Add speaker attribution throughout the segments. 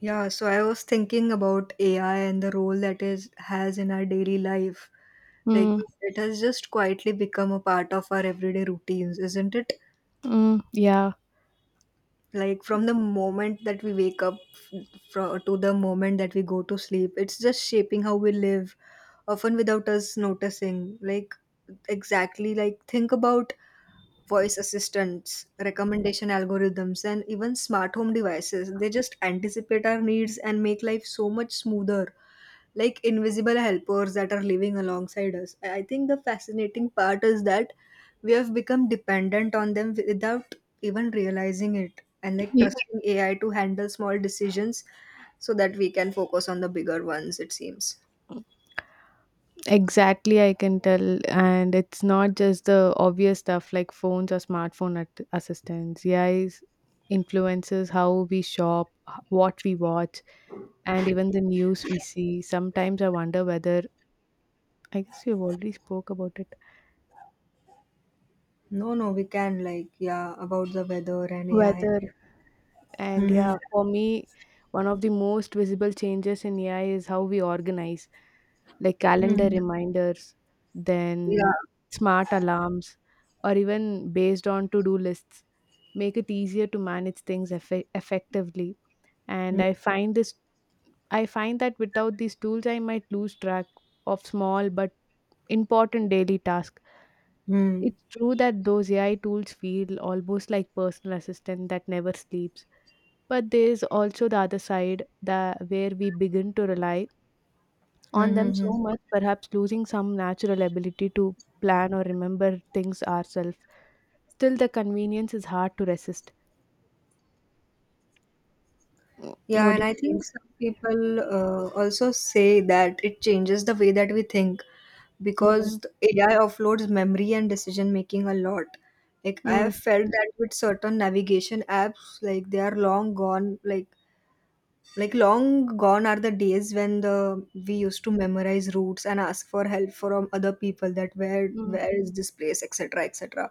Speaker 1: Yeah, so I was thinking about AI and the role that is has in our daily life. Like
Speaker 2: Mm,
Speaker 1: it has just quietly become a part of our everyday routines, isn't it?
Speaker 2: yeah,
Speaker 1: Like from the moment that we wake up from, to the moment that we go to sleep, it's just shaping how we live, often without us noticing. Like exactly like think about voice assistants, recommendation algorithms, and even smart home devices. They just anticipate our needs and make life so much smoother, like invisible helpers that are living alongside us. I think the fascinating part is that we have become dependent on them without even realizing it, and like
Speaker 2: Y-
Speaker 1: trusting AI to handle small decisions so that we can focus on the bigger ones, it seems.
Speaker 2: exactly. I can tell, and it's not just the obvious stuff like phones or smartphone assistants. AI influences how we shop, what we watch, and even the news we see. Sometimes I wonder whether I guess you've already spoke about it.
Speaker 1: No, no, we can, like, yeah, about the weather and AI.
Speaker 2: Whether and
Speaker 1: Mm-hmm.
Speaker 2: Yeah, for me, one of the most visible changes in AI is how we organize. Like calendar
Speaker 1: Hmm.
Speaker 2: reminders,
Speaker 1: Yeah.
Speaker 2: then smart alarms, or even based on to do lists make it easier to manage things effectively. And
Speaker 1: Mm.
Speaker 2: I find this I find that without these tools, I might lose track of small but important daily tasks.
Speaker 1: Hmm.
Speaker 2: It's true that those AI tools feel almost like personal assistant that never sleeps. But there is also the other side that where we begin to rely on them
Speaker 1: Mm-hmm.
Speaker 2: so much, perhaps losing some natural ability to plan or remember things ourselves. Still, the convenience is hard to resist.
Speaker 1: Yeah,
Speaker 2: What do
Speaker 1: and I
Speaker 2: you think?
Speaker 1: think some people also say that it changes the way that we think
Speaker 2: Mm,
Speaker 1: because the AI offloads memory and decision making a lot. Like I have
Speaker 2: mm,
Speaker 1: felt that with certain navigation apps, like they are long gone. Like long gone are the days when the we used to memorize routes and ask for help from other people, that where
Speaker 2: mm,
Speaker 1: where is this place etc etc.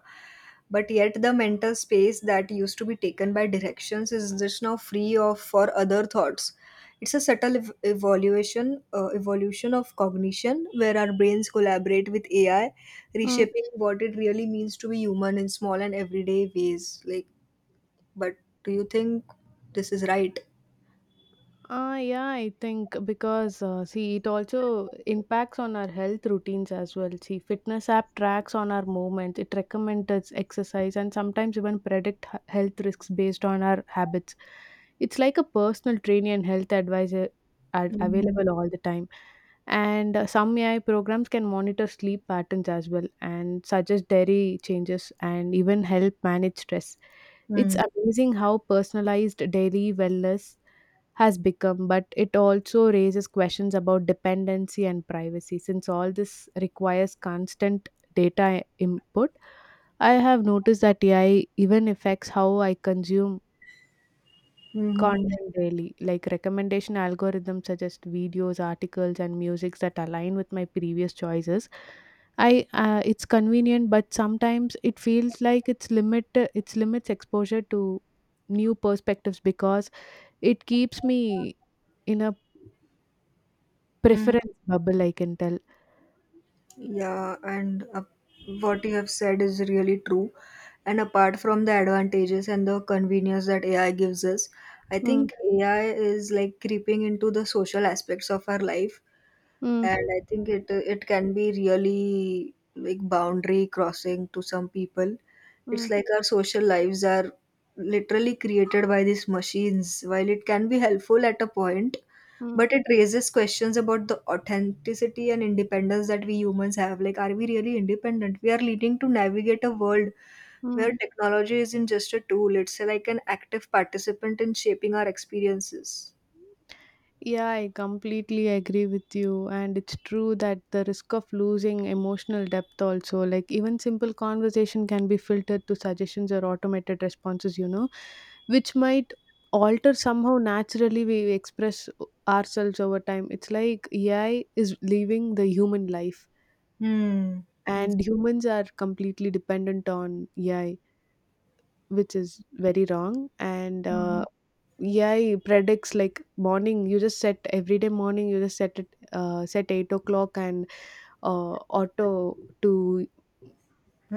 Speaker 1: But yet the mental space that used to be taken by directions is just now free of for other thoughts. It's a subtle ev- evaluation evolution of cognition where our brains collaborate with AI,
Speaker 2: mm.
Speaker 1: reshaping what it really means to be human in small and everyday ways. Like, but do you think this is right?
Speaker 2: Yeah, I think because see, it also impacts on our health routines as well. See, fitness app tracks on our movements, it recommends us exercise, and sometimes even predict health risks based on our habits. It's like a personal training and health advisor
Speaker 1: Mm-hmm.
Speaker 2: available all the time. And Some AI programs can monitor sleep patterns as well and suggest dietary changes and even help manage stress. It's amazing how personalized daily wellness has become, but it also raises questions about dependency and privacy. Since all this requires constant data input, I have noticed that AI even affects how I consume
Speaker 1: Mm-hmm.
Speaker 2: content daily. Like recommendation algorithms suggest videos, articles, and musics that align with my previous choices. I It's convenient, but sometimes it feels like it's limit its limits exposure to new perspectives because it keeps me in a
Speaker 1: hmm
Speaker 2: preference bubble, I can tell.
Speaker 1: Yeah, and what you have said is really true. And apart from the advantages and the convenience that AI gives us, I
Speaker 2: Mm,
Speaker 1: think AI is like creeping into the social aspects of our life.
Speaker 2: mm,
Speaker 1: And I think it can be really like boundary crossing to some people.
Speaker 2: mm,
Speaker 1: It's like our social lives are literally created by these machines. While it can be helpful at a point,
Speaker 2: mm,
Speaker 1: but it raises questions about the authenticity and independence that we humans have. Like, are we really independent? We are leading to navigate a world
Speaker 2: mm.
Speaker 1: where technology isn't just a tool, it's like an active participant in shaping our experiences.
Speaker 2: Yeah, I completely agree with you. And it's true that the risk of losing emotional depth also, like even simple conversation can be filtered to suggestions or automated responses, which might alter somehow naturally we express ourselves over time. It's like AI is leaving the human life,
Speaker 1: Hmm.
Speaker 2: and humans are completely dependent on AI, which is very wrong. And
Speaker 1: Hmm.
Speaker 2: AI predicts like morning you just set every day morning you just set it set 8 o'clock and auto to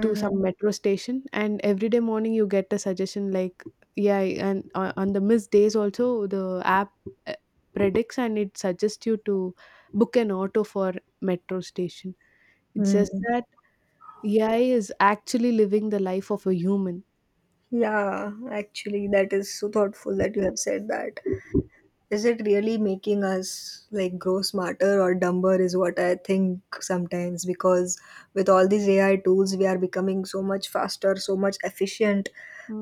Speaker 2: to some metro station, and every day morning you get a suggestion like yeah. and On the missed days also, the app uh, predicts, and it suggests you to book an auto for metro station. It's just
Speaker 1: Hmm.
Speaker 2: that AI is actually living the life of a human.
Speaker 1: Yeah, actually, that is so thoughtful that you have said that. Is it really making us like grow smarter or dumber? Is what I think sometimes, because with all these AI tools, we are becoming so much faster, so much efficient,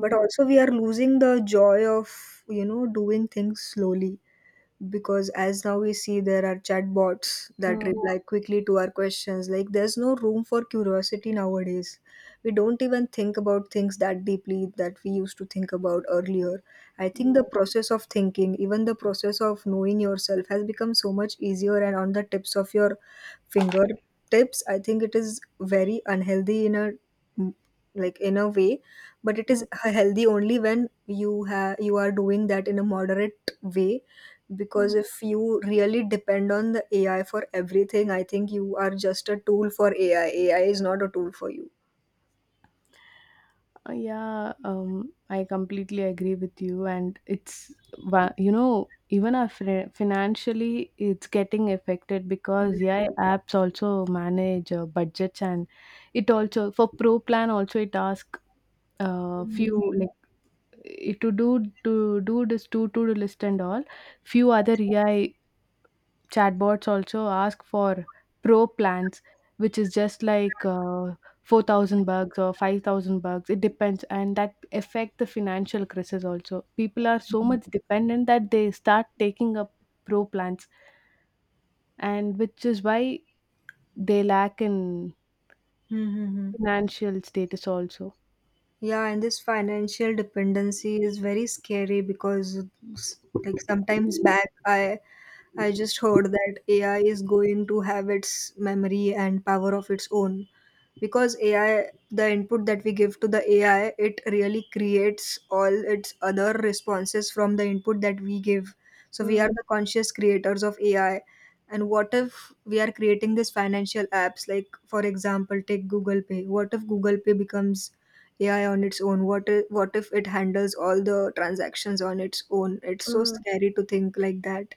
Speaker 1: but also we are losing the joy of doing things slowly, because as now we see there are chatbots that
Speaker 2: mm,
Speaker 1: reply quickly to our questions, like there's no room for curiosity nowadays. We don't even think about things that deeply that we used to think about earlier. I think the
Speaker 2: yeah.
Speaker 1: process of thinking, even the process of knowing yourself, has become so much easier and on the tips of your fingertips. I think it is very unhealthy in a like in a way, but it is
Speaker 2: mm,
Speaker 1: healthy only when you are doing that in a moderate way, because
Speaker 2: mm.
Speaker 1: if you really depend on the AI for everything, I think you are just a tool for AI. AI is not a tool for you.
Speaker 2: Yeah, I completely agree with you, and it's wa- you know even our financially it's getting affected because yeah, apps also manage budgets, and it also for pro plan also it asks few like eh, to do to do list and all, few other AI chatbots also ask for pro plans, which is just like 4,000 bucks or 5,000 bucks. It depends. And that affect the financial crisis also. People are so much dependent that they start taking up pro plans, and which is why they lack in
Speaker 1: Hmm, hmm, hmm.
Speaker 2: financial status also.
Speaker 1: Yeah, and this financial dependency is very scary because s- like sometimes back I just heard that AI is going to have its memory and power of its own. Because AI, the input that we give to the AI, it really creates all its other responses from the input that we give. So we are the conscious creators of AI. And what if we are creating these financial apps, like for example take Google Pay? What if Google Pay becomes AI on its own? What if it handles all the transactions on its own? It's so
Speaker 2: Mm,
Speaker 1: scary to think like that.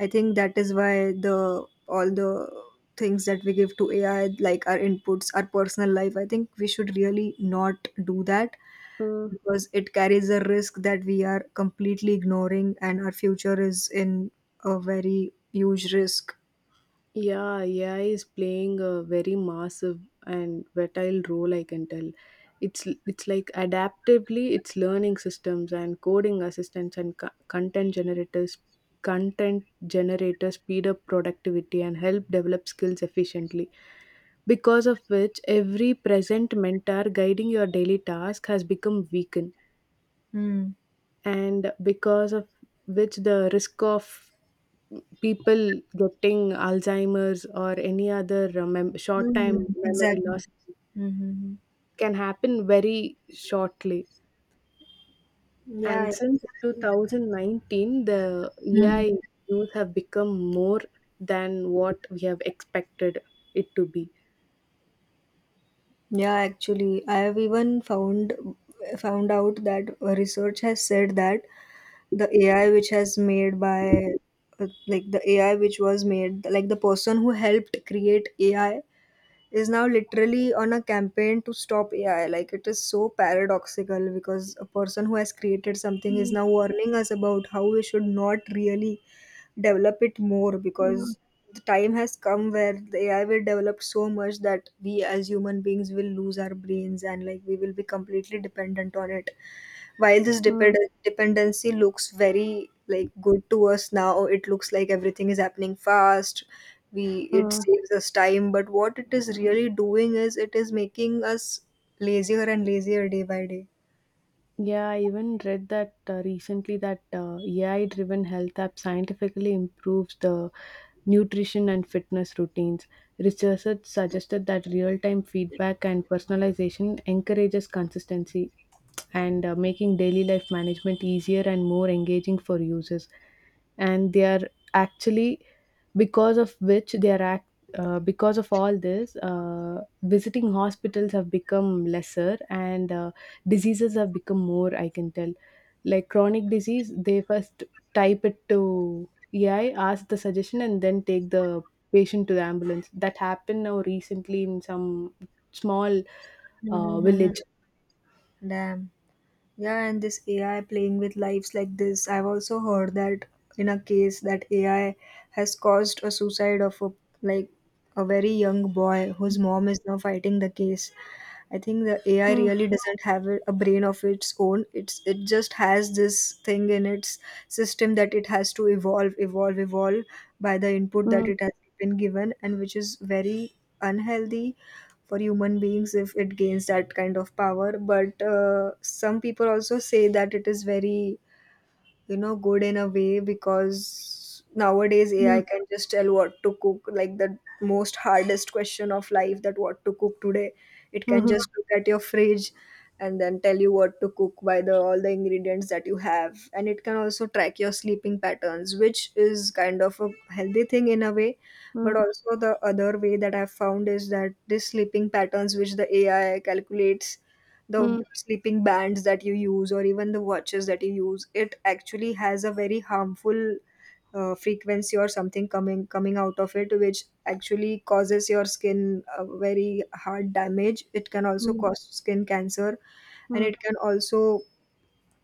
Speaker 1: I think that is why the all the things that we give to AI, like our inputs, our personal life, I think we should really not do that,
Speaker 2: mm.
Speaker 1: because it carries a risk that we are completely ignoring, and our future is in a very huge risk.
Speaker 2: Yeah, AI is playing a very massive and vital role, I can tell. It's like adaptively, it's learning systems and coding assistants and content content generators speed up productivity and help develop skills efficiently. Because of which, every present mentor guiding your daily task has become weakened,
Speaker 1: Mm.
Speaker 2: and because of which, the risk of people getting Alzheimer's or any other short time
Speaker 1: Mm,
Speaker 2: memory
Speaker 1: exactly.
Speaker 2: loss
Speaker 1: Mm-hmm.
Speaker 2: can happen very shortly. And
Speaker 1: Yeah,
Speaker 2: since 2019, the
Speaker 1: exactly.
Speaker 2: AI use have become more than what we have expected it to be.
Speaker 1: Yeah, actually, I have even found out that research has said that the AI which has made by uh, like the AI which was made, like the person who helped create AI is now literally on a campaign to stop AI. Like it is so paradoxical because a person who has created something is
Speaker 2: Mm,
Speaker 1: now warning us about how we should not really develop it more,
Speaker 2: mm,
Speaker 1: because the time has come where the AI will develop so much that we as human beings will lose our brains, and like we will be completely dependent on it. While this
Speaker 2: mm,
Speaker 1: dependency looks very like good to us now, it looks like everything is happening fast. We It
Speaker 2: mm.
Speaker 1: saves us time, but what it is really doing is it is making us lazier and lazier day by day.
Speaker 2: Yeah, I even read that recently that AI-driven health app scientifically improves the nutrition and fitness routines. Researchers suggested that real-time feedback and personalization encourages consistency and making daily life management easier and more engaging for users. And they are actually, because of which they are act, Because of all this, visiting hospitals have become lesser and diseases have become more. I can tell, like chronic disease, they first type it to EI, ask the suggestion, and then take the patient to the ambulance. That happened now recently in some small
Speaker 1: Hmm
Speaker 2: village.
Speaker 1: Damn. Yeah, and this AI playing with lives like this, I've also heard that in a case that AI has caused a suicide of a like a very young boy whose mom is now fighting the case. I think the AI
Speaker 2: Mm,
Speaker 1: really doesn't have a brain of its own. It's it just has this thing in its system that it has to evolve, evolve, evolve by the input that
Speaker 2: mm,
Speaker 1: it has been given, and which is very unhealthy for human beings if it gains that kind of power. But some people also say that it is very good in a way, because nowadays AI
Speaker 2: mm.
Speaker 1: can just tell what to cook, like the most hardest question of life, that what to cook today. It can
Speaker 2: Mhm.
Speaker 1: just look at your fridge and then tell you what to cook by the all the ingredients that you have, and it can also track your sleeping patterns, which is kind of a healthy thing in a way. But
Speaker 2: Mm,
Speaker 1: also the other way that I've found is that this sleeping patterns which the AI calculates, the
Speaker 2: mm,
Speaker 1: sleeping bands that you use or even the watches that you use, it actually has a very harmful frequency or something coming out of it, which actually causes your skin a very hard damage. It can also
Speaker 2: mm,
Speaker 1: cause skin cancer, and
Speaker 2: mm,
Speaker 1: it can also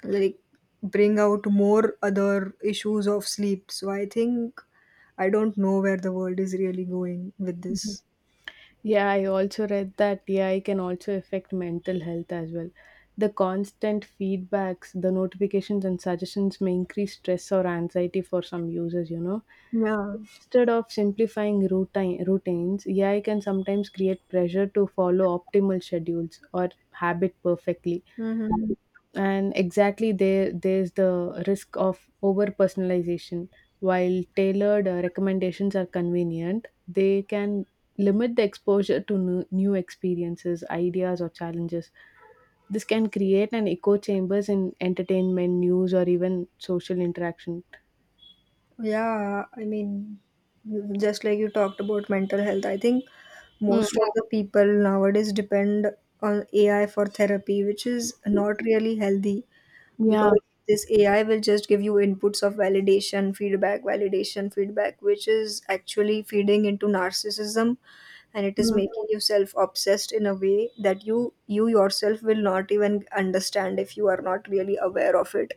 Speaker 1: like bring out more other issues of sleep. So I think I don't know where the world is really going with
Speaker 2: mhm.
Speaker 1: this.
Speaker 2: Yeah, I also read that AI can also affect mental health as well. The constant feedbacks, the notifications, and suggestions may increase stress or anxiety for some users.
Speaker 1: Yeah.
Speaker 2: Instead of simplifying routines, AI can sometimes create pressure to follow optimal schedules or habit perfectly.
Speaker 1: hmm
Speaker 2: And exactly, there's the risk of over personalization. While tailored recommendations are convenient, they can limit the exposure to new experiences, ideas, or challenges. This can create an echo chambers in entertainment, news, or even social interaction.
Speaker 1: Yeah, I mean, just like you talked about mental health, I think
Speaker 2: Mm,
Speaker 1: most of the people nowadays depend on AI for therapy, which is not really healthy,
Speaker 2: yeah.
Speaker 1: because this AI will just give you inputs of validation, feedback, which is actually feeding into narcissism, and it is
Speaker 2: Mm,
Speaker 1: making you self obsessed in a way that you yourself will not even understand if you are not really aware of it.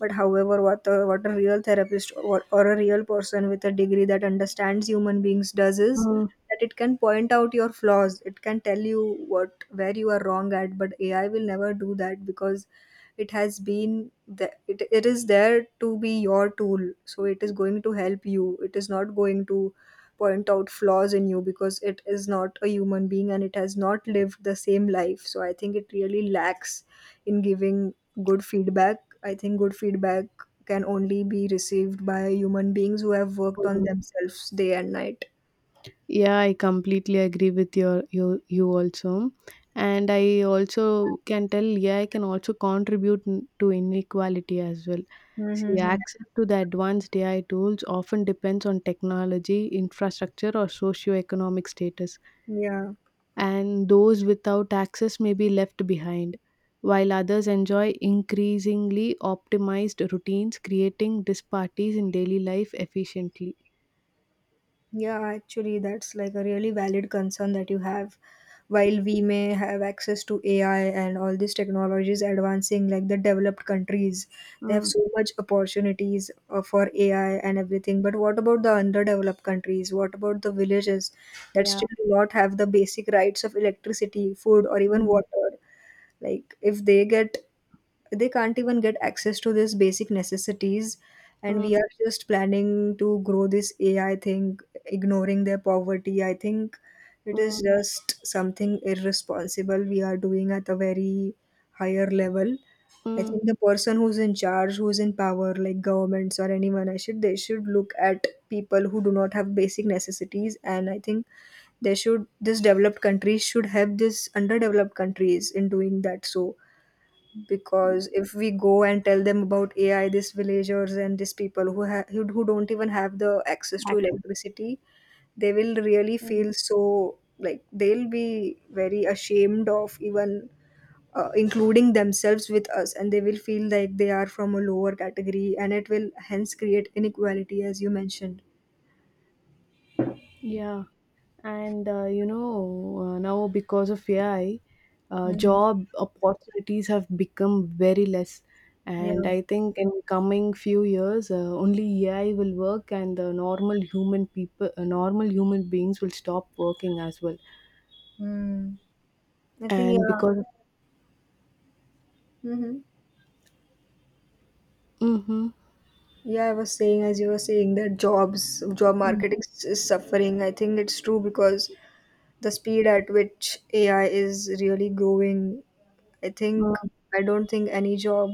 Speaker 1: But however, what a real therapist, or a real person with a degree that understands human beings does is
Speaker 2: mm,
Speaker 1: that it can point out your flaws, it can tell you what where you are wrong at, but AI will never do that, because it has been the, it is there to be your tool, so it is going to help you, it is not going to point out flaws in you, because it is not a human being and it has not lived the same life. So I think it really lacks in giving good feedback. I think good feedback can only be received by human beings who have worked on
Speaker 2: mm.
Speaker 1: themselves day and night.
Speaker 2: Yeah, I completely agree with you also, and I also can tell. Yeah, I can also contribute to inequality as well. See,
Speaker 1: Mm-hmm.
Speaker 2: access to the advanced AI tools often depends on technology, infrastructure, or socioeconomic status,
Speaker 1: Yeah.
Speaker 2: and those without access may be left behind, while others enjoy increasingly optimized routines, creating disparities in daily life efficiently.
Speaker 1: Yeah, actually, that's like a really valid concern that you have. While we may have access to AI and all these technologies advancing, like the developed countries, they have
Speaker 2: Mm,
Speaker 1: so much opportunities for AI and everything. But what about the underdeveloped countries? What about the villages that
Speaker 2: yeah.
Speaker 1: still do not have the basic rights of electricity, food, or even
Speaker 2: Mm,
Speaker 1: water? Like, if they can't even get access to these basic necessities, and we
Speaker 2: mm,
Speaker 1: are just planning to grow this AI thing ignoring their poverty, I think it
Speaker 2: mm.
Speaker 1: is just something irresponsible we are doing at a very higher level. I
Speaker 2: mm.
Speaker 1: think the person who's in charge, who's in power, like governments or anyone, I should they should look at people who do not have basic necessities, and I think they should this developed countries should help this underdeveloped countries in doing that. So because if we go and tell them about AI, these villagers and these people who who don't even have the access to
Speaker 2: Access.
Speaker 1: electricity, they will really
Speaker 2: Mm,
Speaker 1: feel so like they'll be very ashamed of even including themselves with us, and they will feel like they are from a lower category, and it will hence create inequality, as you mentioned.
Speaker 2: Yeah, now because of AI,
Speaker 1: Mhm.
Speaker 2: job opportunities have become very less. And
Speaker 1: Yeah.
Speaker 2: I think in coming few years, only AI will work, and the normal human people, normal human beings will stop working as well.
Speaker 1: Mm. I think
Speaker 2: And
Speaker 1: yeah.
Speaker 2: because,
Speaker 1: Mm-hmm.
Speaker 2: mm-hmm.
Speaker 1: Yeah, I was saying as you were saying that jobs, job
Speaker 2: mm,
Speaker 1: market is suffering. I think it's true because the speed at which AI is really growing, I think
Speaker 2: mm,
Speaker 1: I don't think any job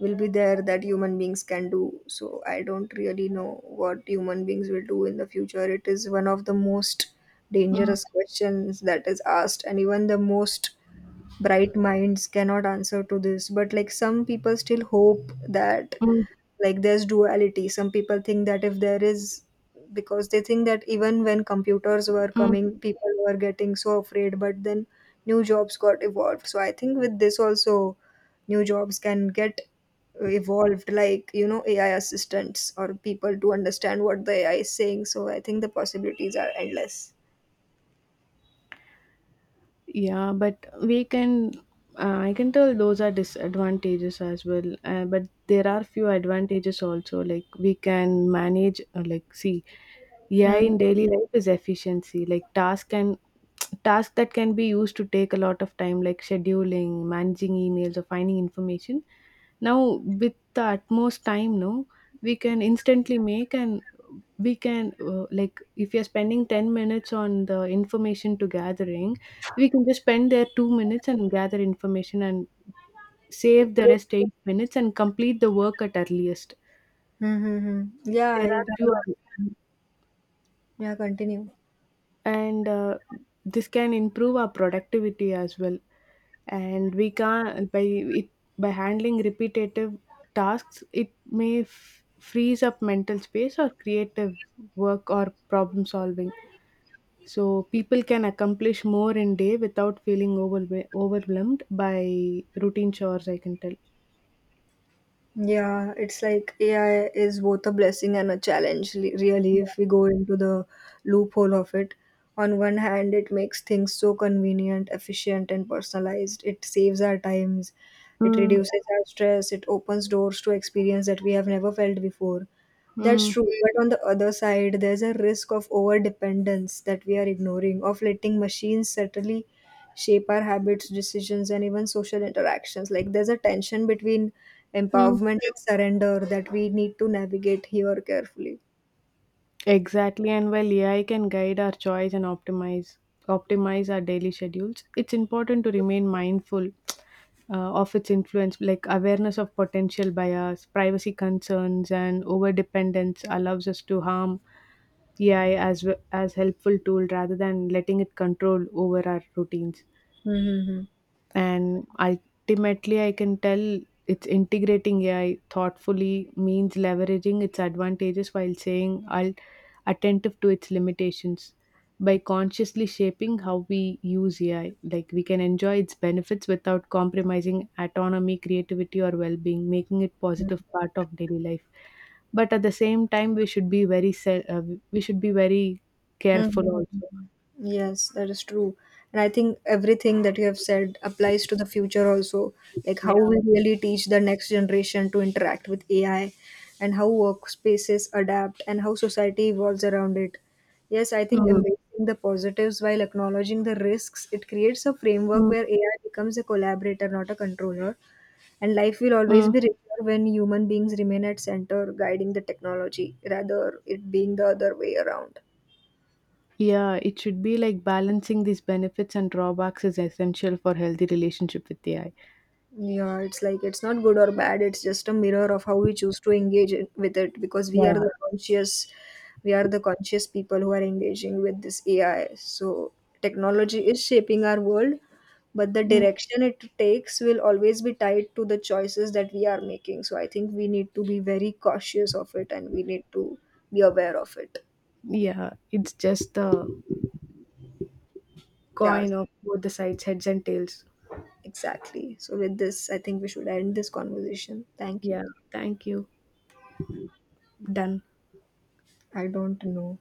Speaker 1: will be there that human beings can do. So I don't really know what human beings will do in the future. It is one of the most dangerous questions that is asked, and even the most bright minds cannot answer to this. But like some people still hope that
Speaker 2: mm,
Speaker 1: like there's duality. Some people think that if there is, because they think that even when computers were
Speaker 2: mm,
Speaker 1: coming people were getting so afraid, but then new jobs got evolved. So I think with this also new jobs can get evolved, like you know AI assistants or people to understand what the AI is saying. So I think the possibilities are endless.
Speaker 2: Yeah, but we can. I can tell those are disadvantages as well. But there are few advantages also. Like we can manage. Like see, AI
Speaker 1: Mm.
Speaker 2: in daily life is efficiency. Like task and task that can be used to take a lot of time, like scheduling, managing emails, or finding information. Now, with the utmost time, no, we can instantly make, and we can like if you're spending 10 minutes on the information to gathering, we can just spend there 2 minutes and gather information, and save the rest 8 minutes and complete the work at earliest.
Speaker 1: Mm-hmm.
Speaker 2: There
Speaker 1: Yeah it,
Speaker 2: are few.
Speaker 1: yeah continue.
Speaker 2: And This can improve our productivity as well. And we can by it By handling repetitive tasks, it may freeze up mental space or creative work or problem solving. So people can accomplish more in day without feeling overwhelmed by routine chores, I can tell.
Speaker 1: Yeah, it's like AI is both a blessing and a challenge, really,
Speaker 2: Yeah.
Speaker 1: if we go into the loophole of it. On one hand, it makes things so convenient, efficient, and personalized. It saves our times, it
Speaker 2: mm,
Speaker 1: reduces our stress, it opens doors to experience that we have never felt before. That's
Speaker 2: mm,
Speaker 1: true, but on the other side, there's a risk of overdependence that we are ignoring, of letting machines certainly shape our habits, decisions, and even social interactions. Like there's a tension between
Speaker 2: mm.
Speaker 1: empowerment and surrender that we need to navigate here carefully.
Speaker 2: Exactly, and while AI can guide our choice and optimize our daily schedules, it's important to remain mindful of its influence. Like awareness of potential bias, privacy concerns, and overdependence allows us to harm AI as helpful tool rather than letting it control over our routines.
Speaker 1: Hmm
Speaker 2: And ultimately, I can tell, it's integrating AI thoughtfully means leveraging its advantages while saying attentive to its limitations. By consciously shaping how we use AI, like, we can enjoy its benefits without compromising autonomy, creativity, or well-being, making it positive part of daily life. But at the same time, we should be very careful
Speaker 1: Mhm.
Speaker 2: also.
Speaker 1: Yes, that is true. And I think everything that you have said applies to the future also. Like
Speaker 2: Yeah.
Speaker 1: how we really teach the next generation to interact with AI, and how workspaces adapt and how society evolves around it. Yes, I think
Speaker 2: Mm,
Speaker 1: embracing the positives while acknowledging the risks, it creates a framework
Speaker 2: mm,
Speaker 1: where AI becomes a collaborator, not a controller. And life will always
Speaker 2: mm.
Speaker 1: be richer when human beings remain at center, guiding the technology, rather it being the other way around.
Speaker 2: Yeah, it should be like balancing these benefits and drawbacks is essential for healthy relationship with AI.
Speaker 1: Yeah, it's like it's not good or bad. It's just a mirror of how we choose to with it, because
Speaker 2: Yeah.
Speaker 1: we are the conscious people who are engaging with this AI. So technology is shaping our world, but the
Speaker 2: Mm,
Speaker 1: direction it takes will always be tied to the choices that we are making. So I think we need to be very cautious of it and we need to be aware of it.
Speaker 2: yeah, it's just the
Speaker 1: Yeah,
Speaker 2: coin of both the sides, heads and tails.
Speaker 1: exactly. So with this, I think we should end this conversation. Thank you.
Speaker 2: Yeah, thank you. Done.
Speaker 1: I don't know.